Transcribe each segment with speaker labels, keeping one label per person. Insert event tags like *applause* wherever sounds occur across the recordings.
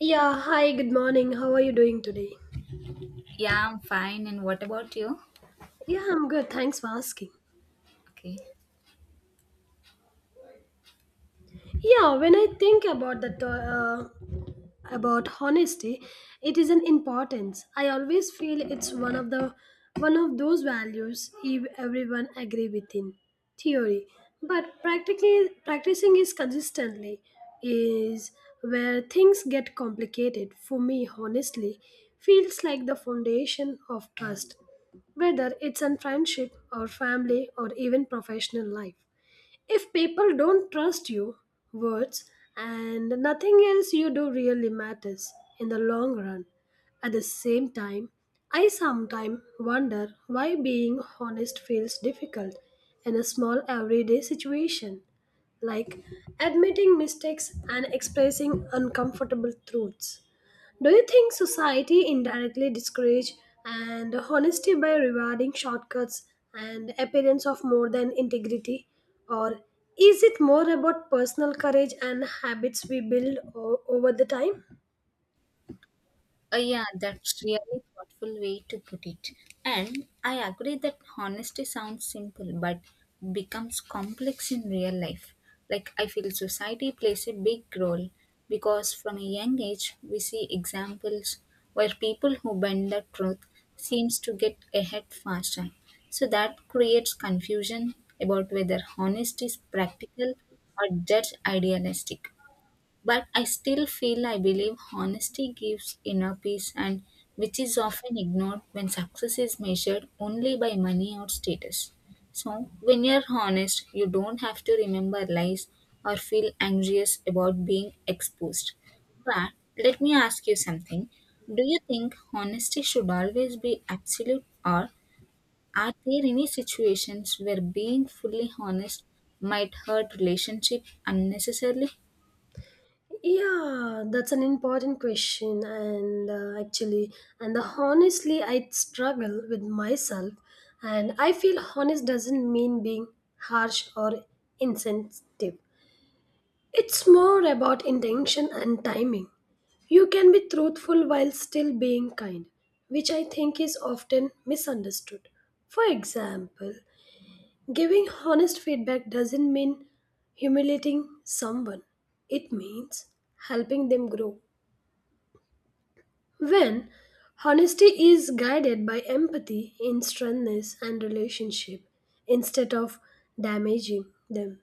Speaker 1: Yeah, hi, good morning. How are you doing today?
Speaker 2: Yeah, I'm fine. And what about you?
Speaker 1: Yeah, I'm good. Thanks for asking.
Speaker 2: Okay.
Speaker 1: Yeah, when I think about that, about honesty, it is an importance. I always feel it's one of those values, if everyone agree within theory, but practically practicing is consistently is where things get complicated for me. Honestly, feels like the foundation of trust, whether it's in friendship or family or even professional life. If people don't trust you, words and nothing else you do really matters in the long run. At the same time, I sometimes wonder why being honest feels difficult in a small everyday situation, like admitting mistakes and expressing uncomfortable truths. Do you think society indirectly discourages and honesty by rewarding shortcuts and appearance of more than integrity? Or is it more about personal courage and habits we build over the time?
Speaker 2: Oh, yeah, that's really thoughtful way to put it. And I agree that honesty sounds simple but becomes complex in real life. Like, I feel society plays a big role because from a young age, we see examples where people who bend the truth seems to get ahead faster. So that creates confusion about whether honesty is practical or just idealistic. But I still feel I believe honesty gives inner peace and which is often ignored when success is measured only by money or status. So when you're honest, you don't have to remember lies or feel anxious about being exposed. But let me ask you something. Do you think honesty should always be absolute or are there any situations where being fully honest might hurt relationship unnecessarily?
Speaker 1: Yeah, that's an important question, and actually, and the honestly, I struggle with myself, and I feel honest doesn't mean being harsh or insensitive. It's more about intention and timing. You can be truthful while still being kind, which I think is often misunderstood. For example, giving honest feedback doesn't mean humiliating someone, it means helping them grow. When honesty is guided by empathy in strengthness and relationship instead of damaging them,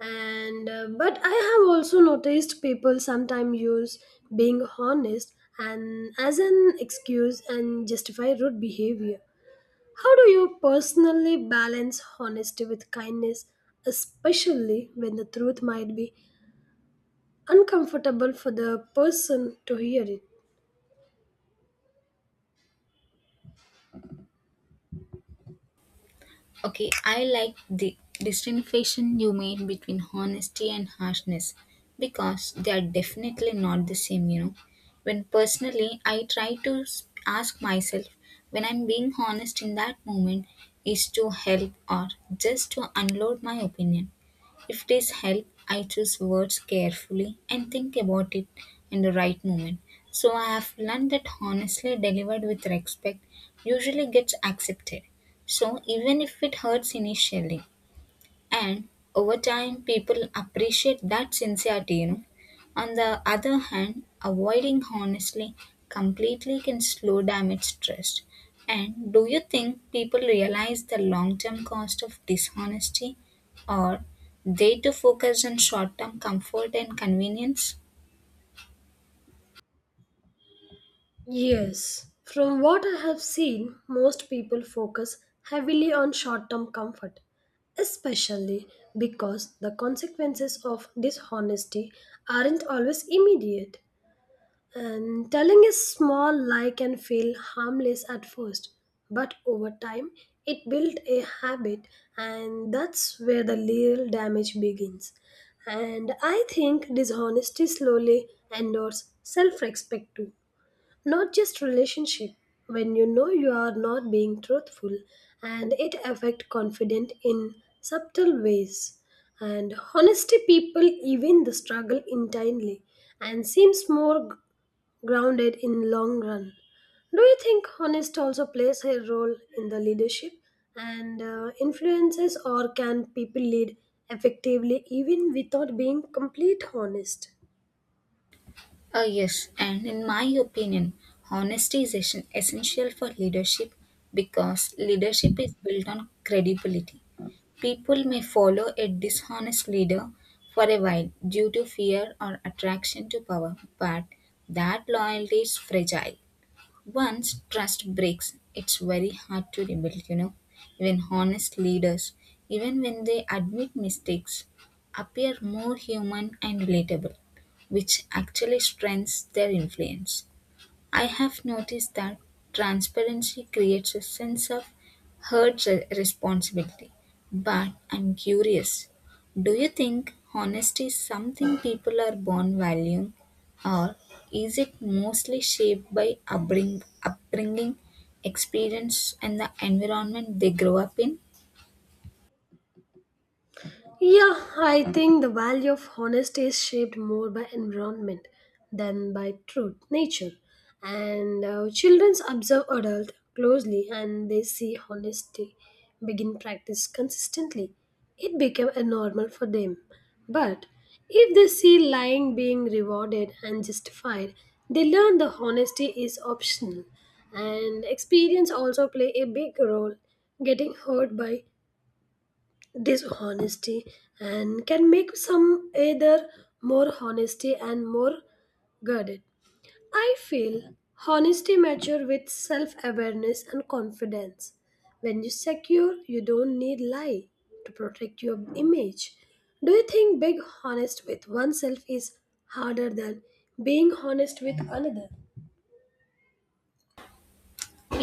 Speaker 1: and but I have also noticed people sometimes use being honest and as an excuse and justify rude behavior. How do you personally balance honesty with kindness, especially when the truth might be uncomfortable for the person to hear it?
Speaker 2: Okay, I like the distinction you made between honesty and harshness because they are definitely not the same, you know. When personally I try to ask myself when I'm being honest in that moment is to help or just to unload my opinion. If it is help, I choose words carefully and think about it in the right moment. So I have learned that honestly delivered with respect usually gets accepted. So even if it hurts initially, and over time people appreciate that sincerity, you know. On the other hand, avoiding honestly completely can slow damage trust. And do you think people realize the long term cost of dishonesty or they too focus on short term comfort and convenience?
Speaker 1: Yes. From what I have seen, most people focus heavily on short term comfort, especially because the consequences of dishonesty aren't always immediate. And telling a small lie can feel harmless at first, but over time it builds a habit, and that's where the real damage begins. And I think dishonesty slowly endures self respect too, not just relationship. When you know you are not being truthful, and it affect confident in subtle ways, and honesty people even the struggle internally and seems more grounded in long run. Do you think honest also plays a role in the leadership and influences, or can people lead effectively even without being complete honest?
Speaker 2: Yes, and in my opinion honesty is essential for leadership because leadership is built on credibility. People may follow a dishonest leader for a while due to fear or attraction to power, but that loyalty is fragile. Once trust breaks, it's very hard to rebuild, you know. Even honest leaders, even when they admit mistakes, appear more human and relatable, which actually strengthens their influence. I have noticed that transparency creates a sense of responsibility. But I'm curious, do you think honesty is something people are born valuing, or is it mostly shaped by upbringing, experience, and the environment they grow up in?
Speaker 1: Yeah, I think the value of honesty is shaped more by environment than by truth, nature. And children observe adults closely and they see honesty begin practice consistently. It became a normal for them. But if they see lying being rewarded and justified, they learn the honesty is optional. And experience also play a big role. Getting hurt by this honesty and can make some either more honesty and more guarded. I feel honesty mature with self-awareness and confidence. When you secure, you don't need lie to protect your image. Do you think being honest with oneself is harder than being honest with another?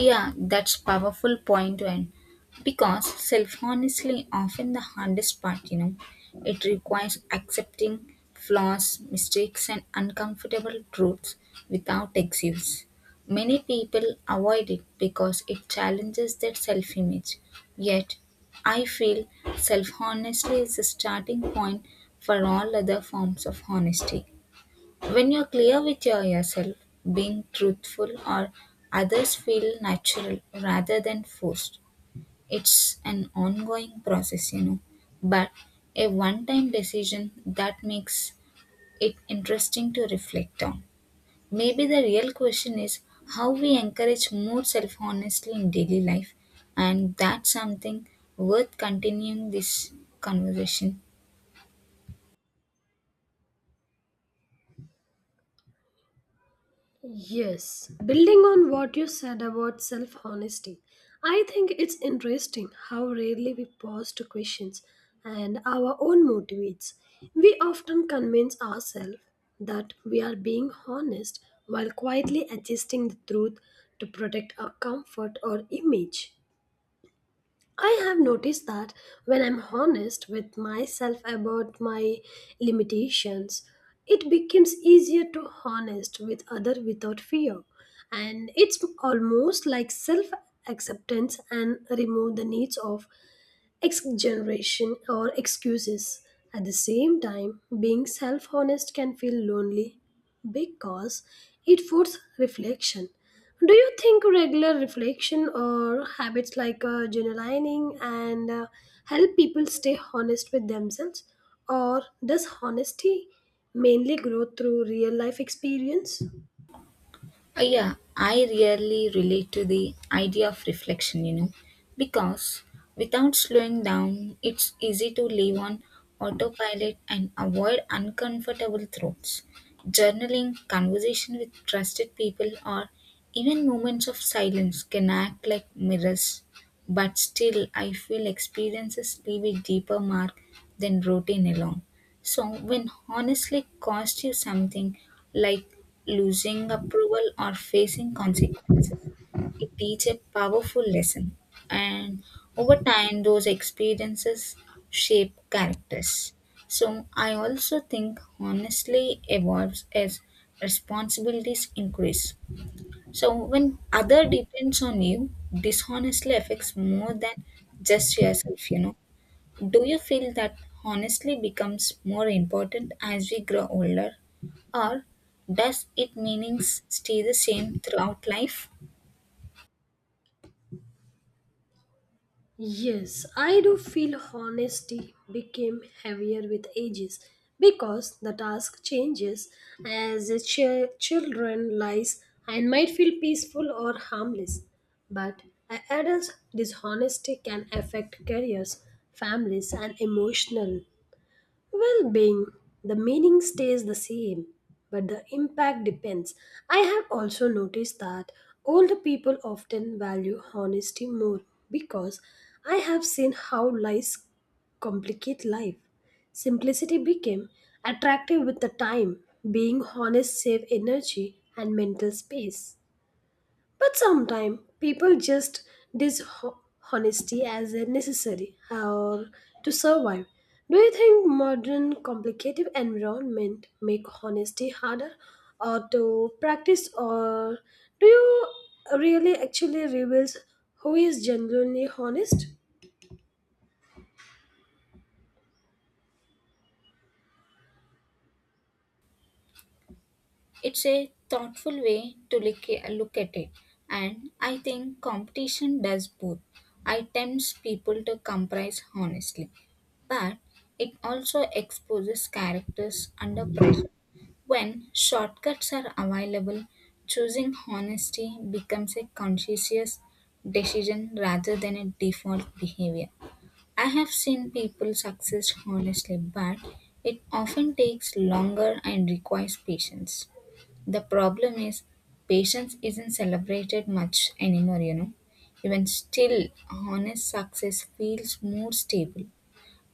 Speaker 2: Yeah, that's powerful point, and because self-honestly often the hardest part, you know. It requires accepting flaws, mistakes and uncomfortable truths without excuse. Many people avoid it because it challenges their self-image. Yet, I feel self-honesty is the starting point for all other forms of honesty. When you're clear with yourself, being truthful or others feel natural rather than forced. It's an ongoing process, you know. But a one time decision that makes it interesting to reflect on. Maybe the real question is how we encourage more self honesty in daily life, and that's something worth continuing this conversation.
Speaker 1: Yes, building on what you said about self honesty, I think it's interesting how rarely we pause to questions and our own motivates. We often convince ourselves that we are being honest while quietly adjusting the truth to protect our comfort or image. I have noticed that when I'm honest with myself about my limitations, it becomes easier to honest with other without fear. And it's almost like self acceptance and remove the needs of Ex-generation or excuses. At the same time, being self honest can feel lonely because it forces reflection. Do you think regular reflection or habits like journaling and help people stay honest with themselves, or does honesty mainly grow through real life experience?
Speaker 2: Yeah, I really relate to the idea of reflection, you know, because without slowing down, it's easy to live on autopilot and avoid uncomfortable thoughts. Journaling, conversation with trusted people, or even moments of silence can act like mirrors, but still, I feel experiences leave a deeper mark than routine alone. So, when honestly costs you something, like losing approval or facing consequences, it teaches a powerful lesson. And over time, those experiences shape characters. So, I also think honestly evolves as responsibilities increase. So, when other depends on you, dishonestly affects more than just yourself, you know. Do you feel that honestly becomes more important as we grow older, or does it meanings stay the same throughout life?
Speaker 1: Yes, I do feel honesty became heavier with ages because the task changes as children lies and might feel peaceful or harmless. But adults' dishonesty can affect careers, families, and emotional well being. The meaning stays the same, but the impact depends. I have also noticed that older people often value honesty more because I have seen how lies complicate life. Simplicity became attractive with the time, being honest save energy and mental space. But sometimes people just dishonesty as a necessary or to survive. Do you think modern complicated environment make honesty harder or to practice, or do you really actually reveals who is genuinely honest?
Speaker 2: It's a thoughtful way to look at it, and I think competition does both. It tempts people to comprise honestly, but it also exposes characters under pressure. When shortcuts are available, choosing honesty becomes a conscientious decision rather than a default behavior. I have seen people succeed honestly, but it often takes longer and requires patience. The problem is patience isn't celebrated much anymore, you know. Even still, honest success feels more stable.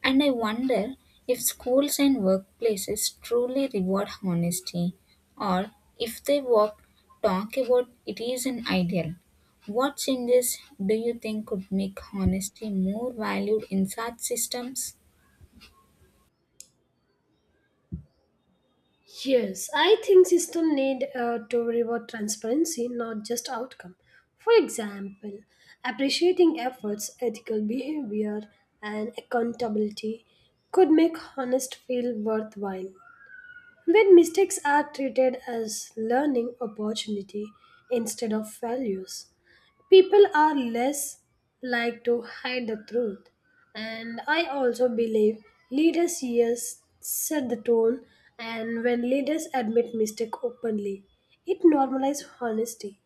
Speaker 2: And I wonder if schools and workplaces truly reward honesty or if they walk, talk about it is an ideal. What changes do you think could make honesty more valued in such systems?
Speaker 1: Yes, I think system need to reward transparency, not just outcome. For example, appreciating efforts, ethical behavior, and accountability could make honest feel worthwhile. When mistakes are treated as learning opportunity instead of failures, people are less like to hide the truth. And I also believe leaders yes set the tone, and when leaders admit mistake openly, it normalizes honesty.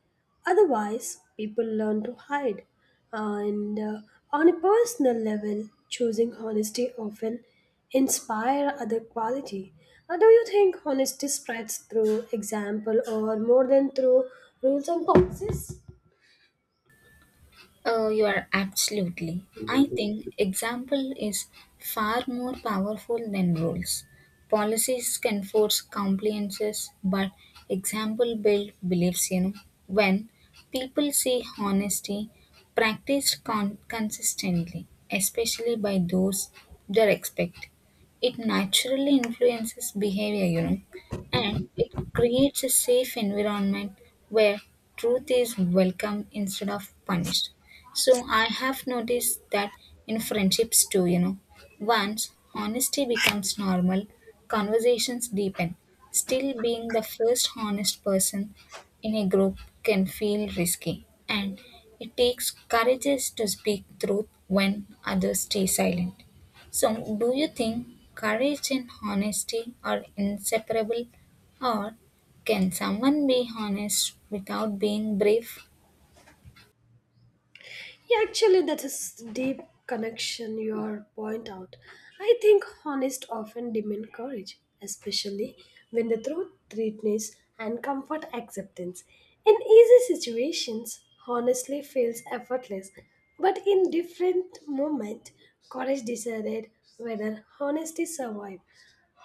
Speaker 1: Otherwise, people learn to hide. And on a personal level, choosing honesty often inspire other quality. Or do you think honesty spreads through example or more than through rules and policies?
Speaker 2: Oh, you are absolutely. I think example is far more powerful than rules. Policies can force compliances, but example build beliefs, you know. When people see honesty practiced consistently, especially by those they respect, it naturally influences behavior, you know, and it creates a safe environment where truth is welcome instead of punished. So I have noticed that in friendships too, you know. Once honesty becomes normal, conversations deepen. Still being the first honest person in a group can feel risky, and it takes courage to speak truth when others stay silent. So, do you think courage and honesty are inseparable, or can someone be honest without being brave?
Speaker 1: Yeah, actually, that is deep connection you are point out. I think honest often demand courage, especially when the truth threatens and comfort acceptance. In easy situations, honestly feels effortless, but in different moment, courage decided whether honesty survive.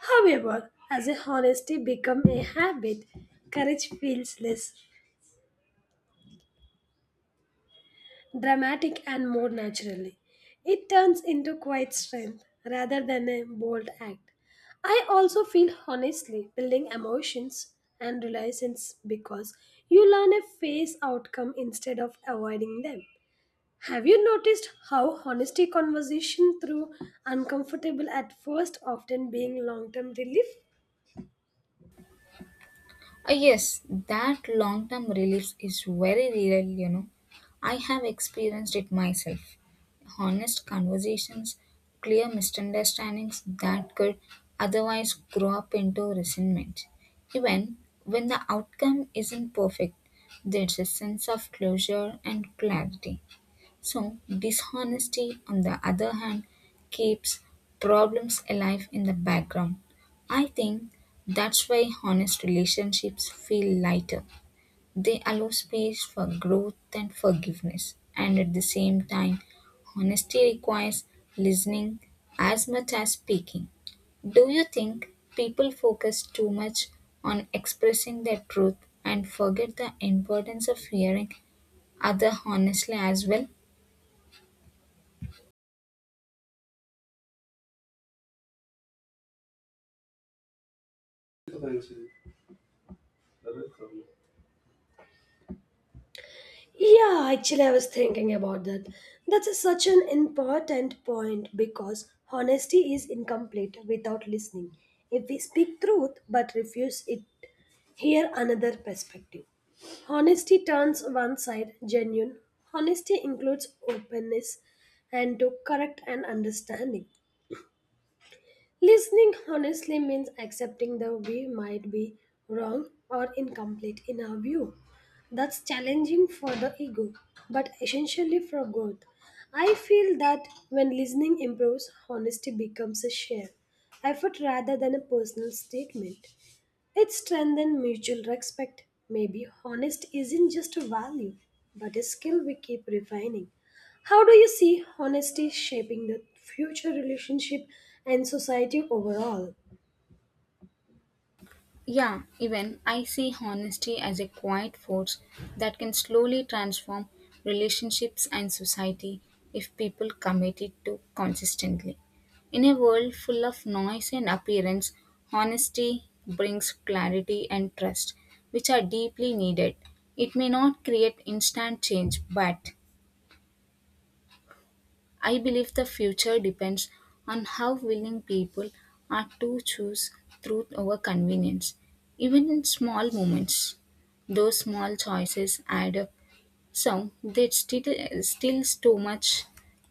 Speaker 1: However, as a honesty become a habit, courage feels less dramatic and more naturally. It turns into quiet strength rather than a bold act. I also feel honestly building emotions and relations because you learn a face outcome instead of avoiding them. Have you noticed how honesty conversation through uncomfortable at first often being long term relief?
Speaker 2: Yes, that long term relief is very real, you know. I have experienced it myself. Honest conversations, clear misunderstandings that could otherwise grow up into resentment. Even when the outcome isn't perfect, there's a sense of closure and clarity. So, dishonesty, on the other hand, keeps problems alive in the background. I think that's why honest relationships feel lighter. They allow space for growth and forgiveness. And at the same time, honesty requires listening as much as speaking. Do you think people focus too much on expressing their truth and forget the importance of hearing other honestly as well?
Speaker 1: Yeah, actually, I was thinking about that. That's such an important point because honesty is incomplete without listening. If we speak truth but refuse it, hear another perspective. Honesty turns one side genuine. Honesty includes openness and to correct and understanding. Listening honestly means accepting that we might be wrong or incomplete in our view. That's challenging for the ego, but essentially for growth. I feel that when listening improves, honesty becomes a shared effort rather than a personal statement. It strengthens mutual respect. Maybe honest isn't just a value, but a skill we keep refining. How do you see honesty shaping the future relationship and society overall?
Speaker 2: Yeah, even I see honesty as a quiet force that can slowly transform relationships and society if people commit it to consistently. In a world full of noise and appearance, honesty brings clarity and trust, which are deeply needed. It may not create instant change, but I believe the future depends on how willing people are to choose truth over convenience, even in small moments. Those small choices add up. So still too much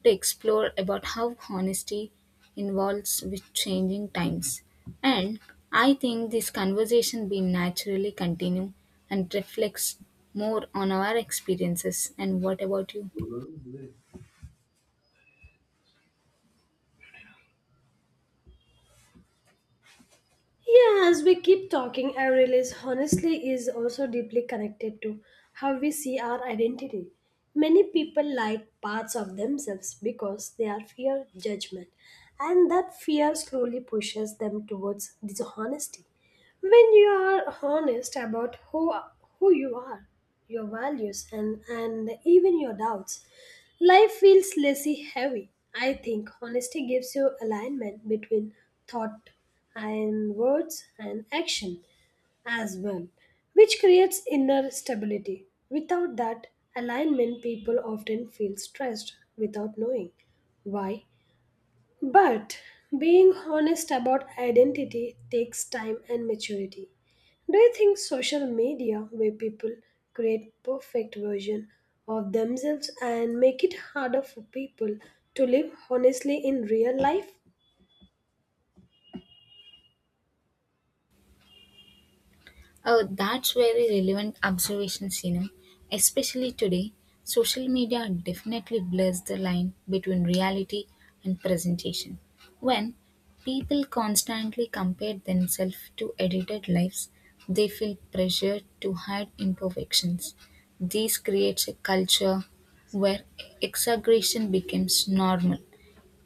Speaker 2: to explore about how honesty involves with changing times. And I think this conversation will naturally continue and reflects more on our experiences. And what about you?
Speaker 1: Yeah, as we keep talking, I realize honestly is also deeply connected to how we see our identity. Many people like parts of themselves because they are fear judgment, and that fear slowly pushes them towards dishonesty. When you are honest about who you are, your values and even your doubts, life feels lessy heavy. I think honesty gives you alignment between thought and words and action as well, which creates inner stability. Without that alignment, people often feel stressed without knowing why, but being honest about identity takes time and maturity. Do you think social media, where people create perfect version of themselves, and make it harder for people to live honestly in real life?
Speaker 2: Oh, that's very relevant observations, you know. Especially today, social media definitely blurs the line between reality and presentation. When people constantly compare themselves to edited lives, they feel pressure to hide imperfections. This creates a culture where exaggeration becomes normal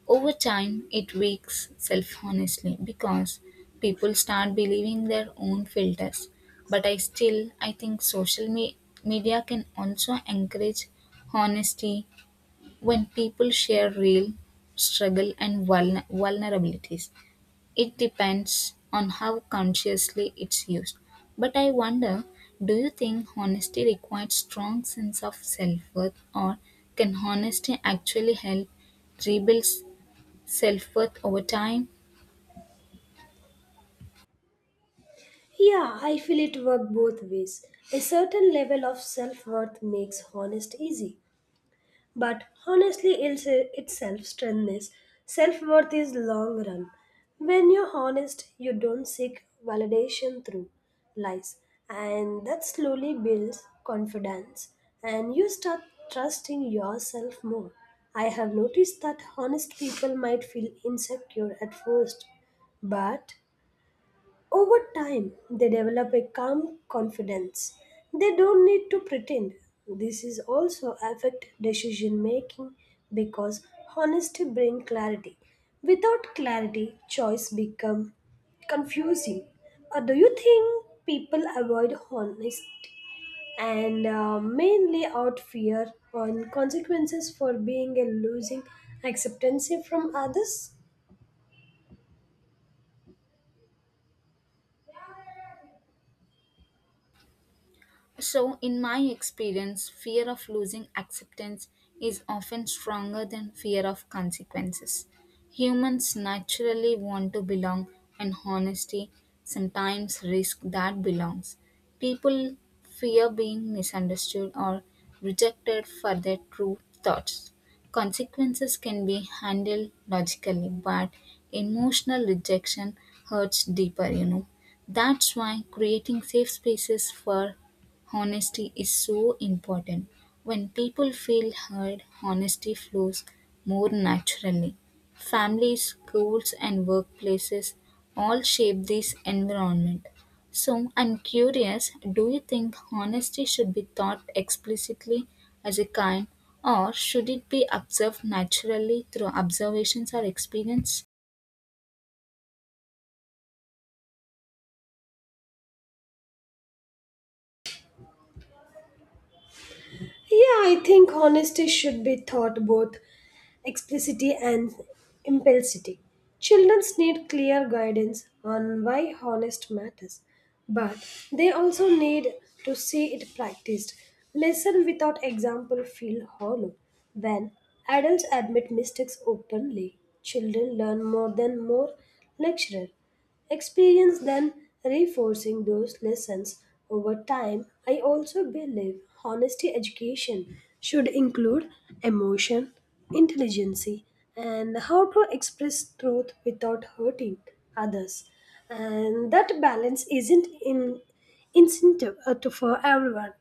Speaker 2: over time, it weaks self honestly because people start believing their own filters. But I still I think media can also encourage honesty when people share real struggle and vulnerabilities. It depends on how consciously it's used. But I wonder, do you think honesty requires strong sense of self-worth or can honesty actually help rebuild self-worth over time?
Speaker 1: Yeah, I feel it work both ways. A certain level of self worth makes honest easy, but honestly, it's self-strengthness. Self-worth is long run. When you're honest, you don't seek validation through lies. And that slowly builds confidence. And you start trusting yourself more. I have noticed that honest people might feel insecure at first, but over time, they develop a calm confidence. They don't need to pretend. This is also affect decision making because honesty bring clarity. Without clarity, choice become confusing. Do you think people avoid honesty and mainly out fear on consequences for being a losing acceptance from others?
Speaker 2: So, in my experience, fear of losing acceptance is often stronger than fear of consequences. Humans naturally want to belong, and honesty sometimes risk that belongs. People fear being misunderstood or rejected for their true thoughts. Consequences can be handled logically, but emotional rejection hurts deeper, you know. That's why creating safe spaces for honesty is so important. When people feel heard, honesty flows more naturally. Families, schools, and workplaces all shape this environment. So, I'm curious, do you think honesty should be taught explicitly as a kind, or should it be observed naturally through observations or experience?
Speaker 1: Yeah, I think honesty should be taught both explicitly and implicitly. Children need clear guidance on why honest matters, but they also need to see it practiced. Lesson without example feel hollow. When adults admit mistakes openly, children learn more than more lecturer. Experience then reinforcing those lessons over time. I also believe honesty education should include emotion, intelligence, and how to express truth without hurting others. And that balance isn't in incentive to, for everyone.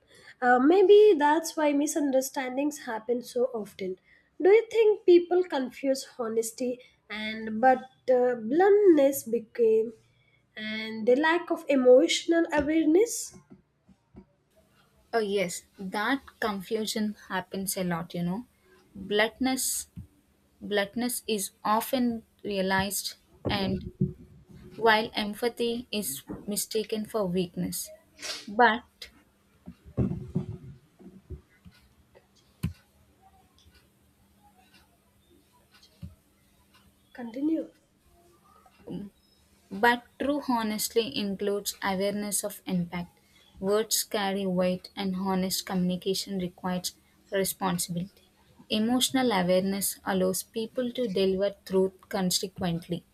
Speaker 1: Maybe that's why misunderstandings happen so often. Do you think people confuse honesty and but bluntness became and the lack of emotional awareness?
Speaker 2: Oh, yes, that confusion happens a lot, you know. Bluntness Bluntness is often realized, and while empathy is mistaken for weakness. But,
Speaker 1: Continue.
Speaker 2: but true honesty includes awareness of impact. Words carry weight, and honest communication requires responsibility. Emotional awareness allows people to deliver truth consequently.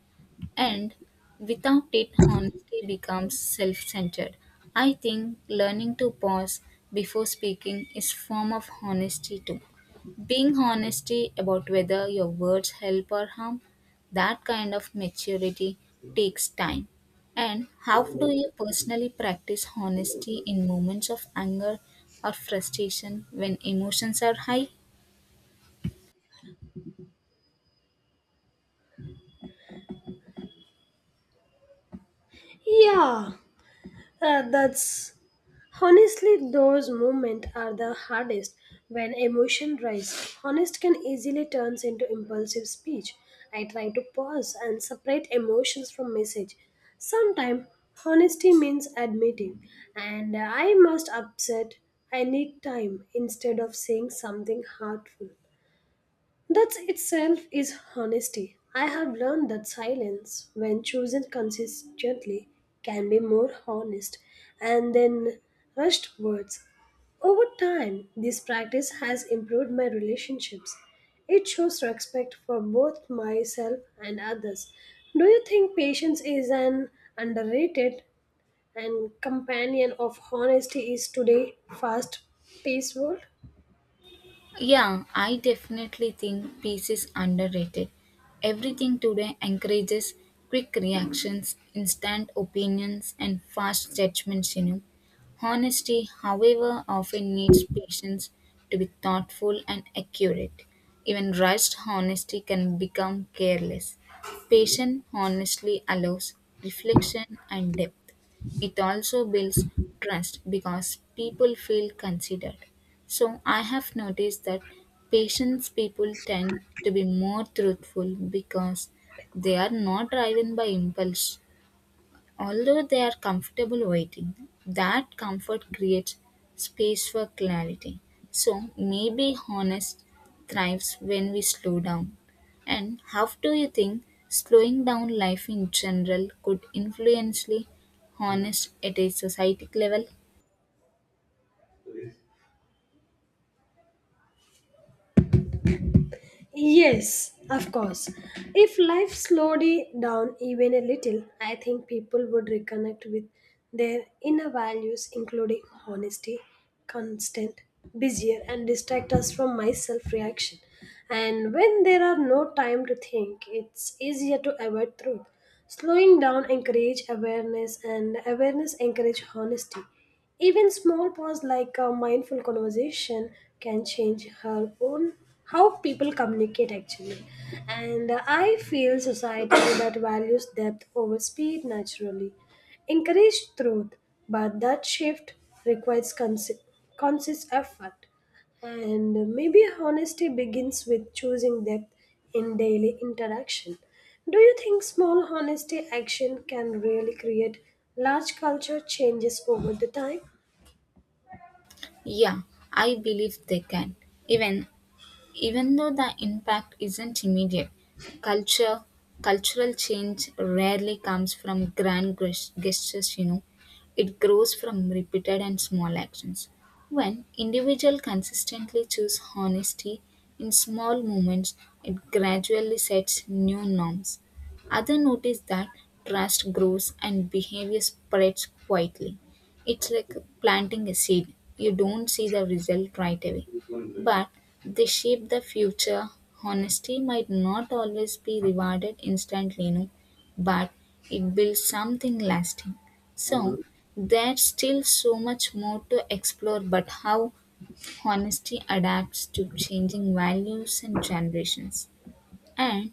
Speaker 2: And without it honesty becomes self-centered. I think learning to pause before speaking is form of honesty too, being honesty about whether your words help or harm. That kind of maturity takes time. And how do you personally practice honesty in moments of anger or frustration when emotions are high?
Speaker 1: Yeah, that's honestly those moments are the hardest when emotion rise. Honest can easily turns into impulsive speech. I try to pause and separate emotions from message. Sometimes honesty means admitting, and I must upset. I need time instead of saying something hurtful. That itself is honesty. I have learned that silence, when chosen consistently, can be more honest and then rushed words. Over time, this practice has improved my relationships. It shows respect for both myself and others. Do you think patience is an underrated and companion of honesty is today fast paced world?
Speaker 2: Yeah, I definitely think peace is underrated. Everything today encourages quick reactions, instant opinions, and fast judgments, you know. Honesty, however, often needs patience to be thoughtful and accurate. Even rushed honesty can become careless. Patient honesty allows reflection and depth. It also builds trust because people feel considered. So I have noticed that patients, people tend to be more truthful because they are not driven by impulse. Although they are comfortable waiting, that comfort creates space for clarity. So maybe honest thrives when we slow down. And how do you think slowing down life in general could influence the honest at a society level?
Speaker 1: Yes, of course. If life slowed it down even a little, I think people would reconnect with their inner values, including honesty, constant, busier, and distract us from my self reaction. And when there are no time to think, it's easier to avoid truth. Slowing down encourage awareness, and awareness encourage honesty. Even small pause like a mindful conversation can change her own how people communicate actually. And I feel society *coughs* that values depth over speed naturally. Encourage truth, but that shift requires conscious effort. And maybe honesty begins with choosing depth in daily interaction. Do you think small honesty action can really create large culture changes over the time?
Speaker 2: Yeah, I believe they can. Even Even though the impact isn't immediate, culture cultural change rarely comes from gestures, you know. It grows from repeated and small actions. When individuals consistently choose honesty in small moments, it gradually sets new norms. Others notice that trust grows and behavior spreads quietly. It's like planting a seed. You don't see the result right away, but they shape the future. Honesty might not always be rewarded instantly, no, but it builds something lasting. So there's still so much more to explore but how honesty adapts to changing values and generations. And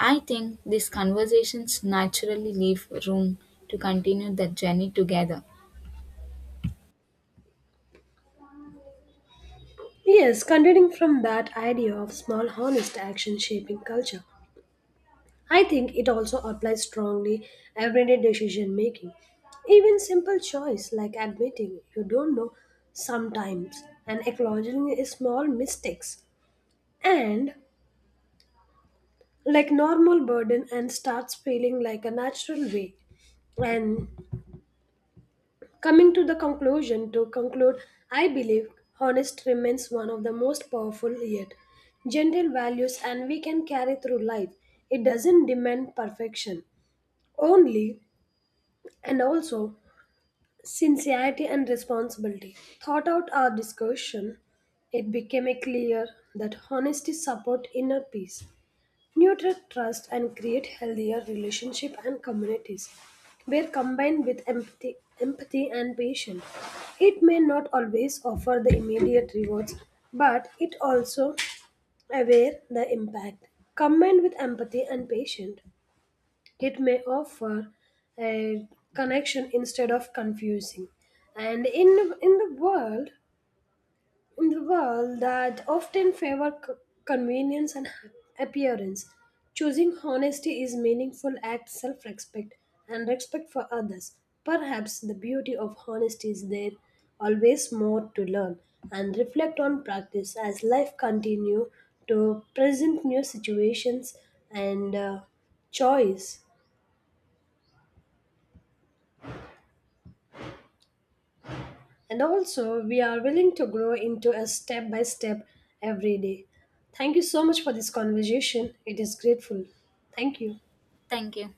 Speaker 2: I think these conversations naturally leave room to continue the journey together.
Speaker 1: Yes, continuing from that idea of small honest action shaping culture. I think it also applies strongly everyday decision making. Even simple choice like admitting you don't know sometimes, and acknowledging small mistakes, and like normal burden and starts feeling like a natural way. And coming to the conclusion to conclude, I believe honest remains one of the most powerful yet gentle values and we can carry through life. It doesn't demand perfection. Only and also sincerity and responsibility. Thought out our discussion, it became clear that honesty support inner peace, nurture trust, and create healthier relationship and communities. Where combined with empathy and patience, it may not always offer the immediate rewards, but it also aware the impact. Combined with empathy and patience, it may offer a connection instead of confusing. And in in the world, in the world that often favor convenience and appearance, choosing honesty is meaningful act self-respect and respect for others. Perhaps the beauty of honesty is there always more to learn and reflect on practice as life continue to present new situations and choice. And also, we are willing to grow into a step by step every day. Thank you so much for this conversation. It is grateful. Thank you.
Speaker 2: Thank you.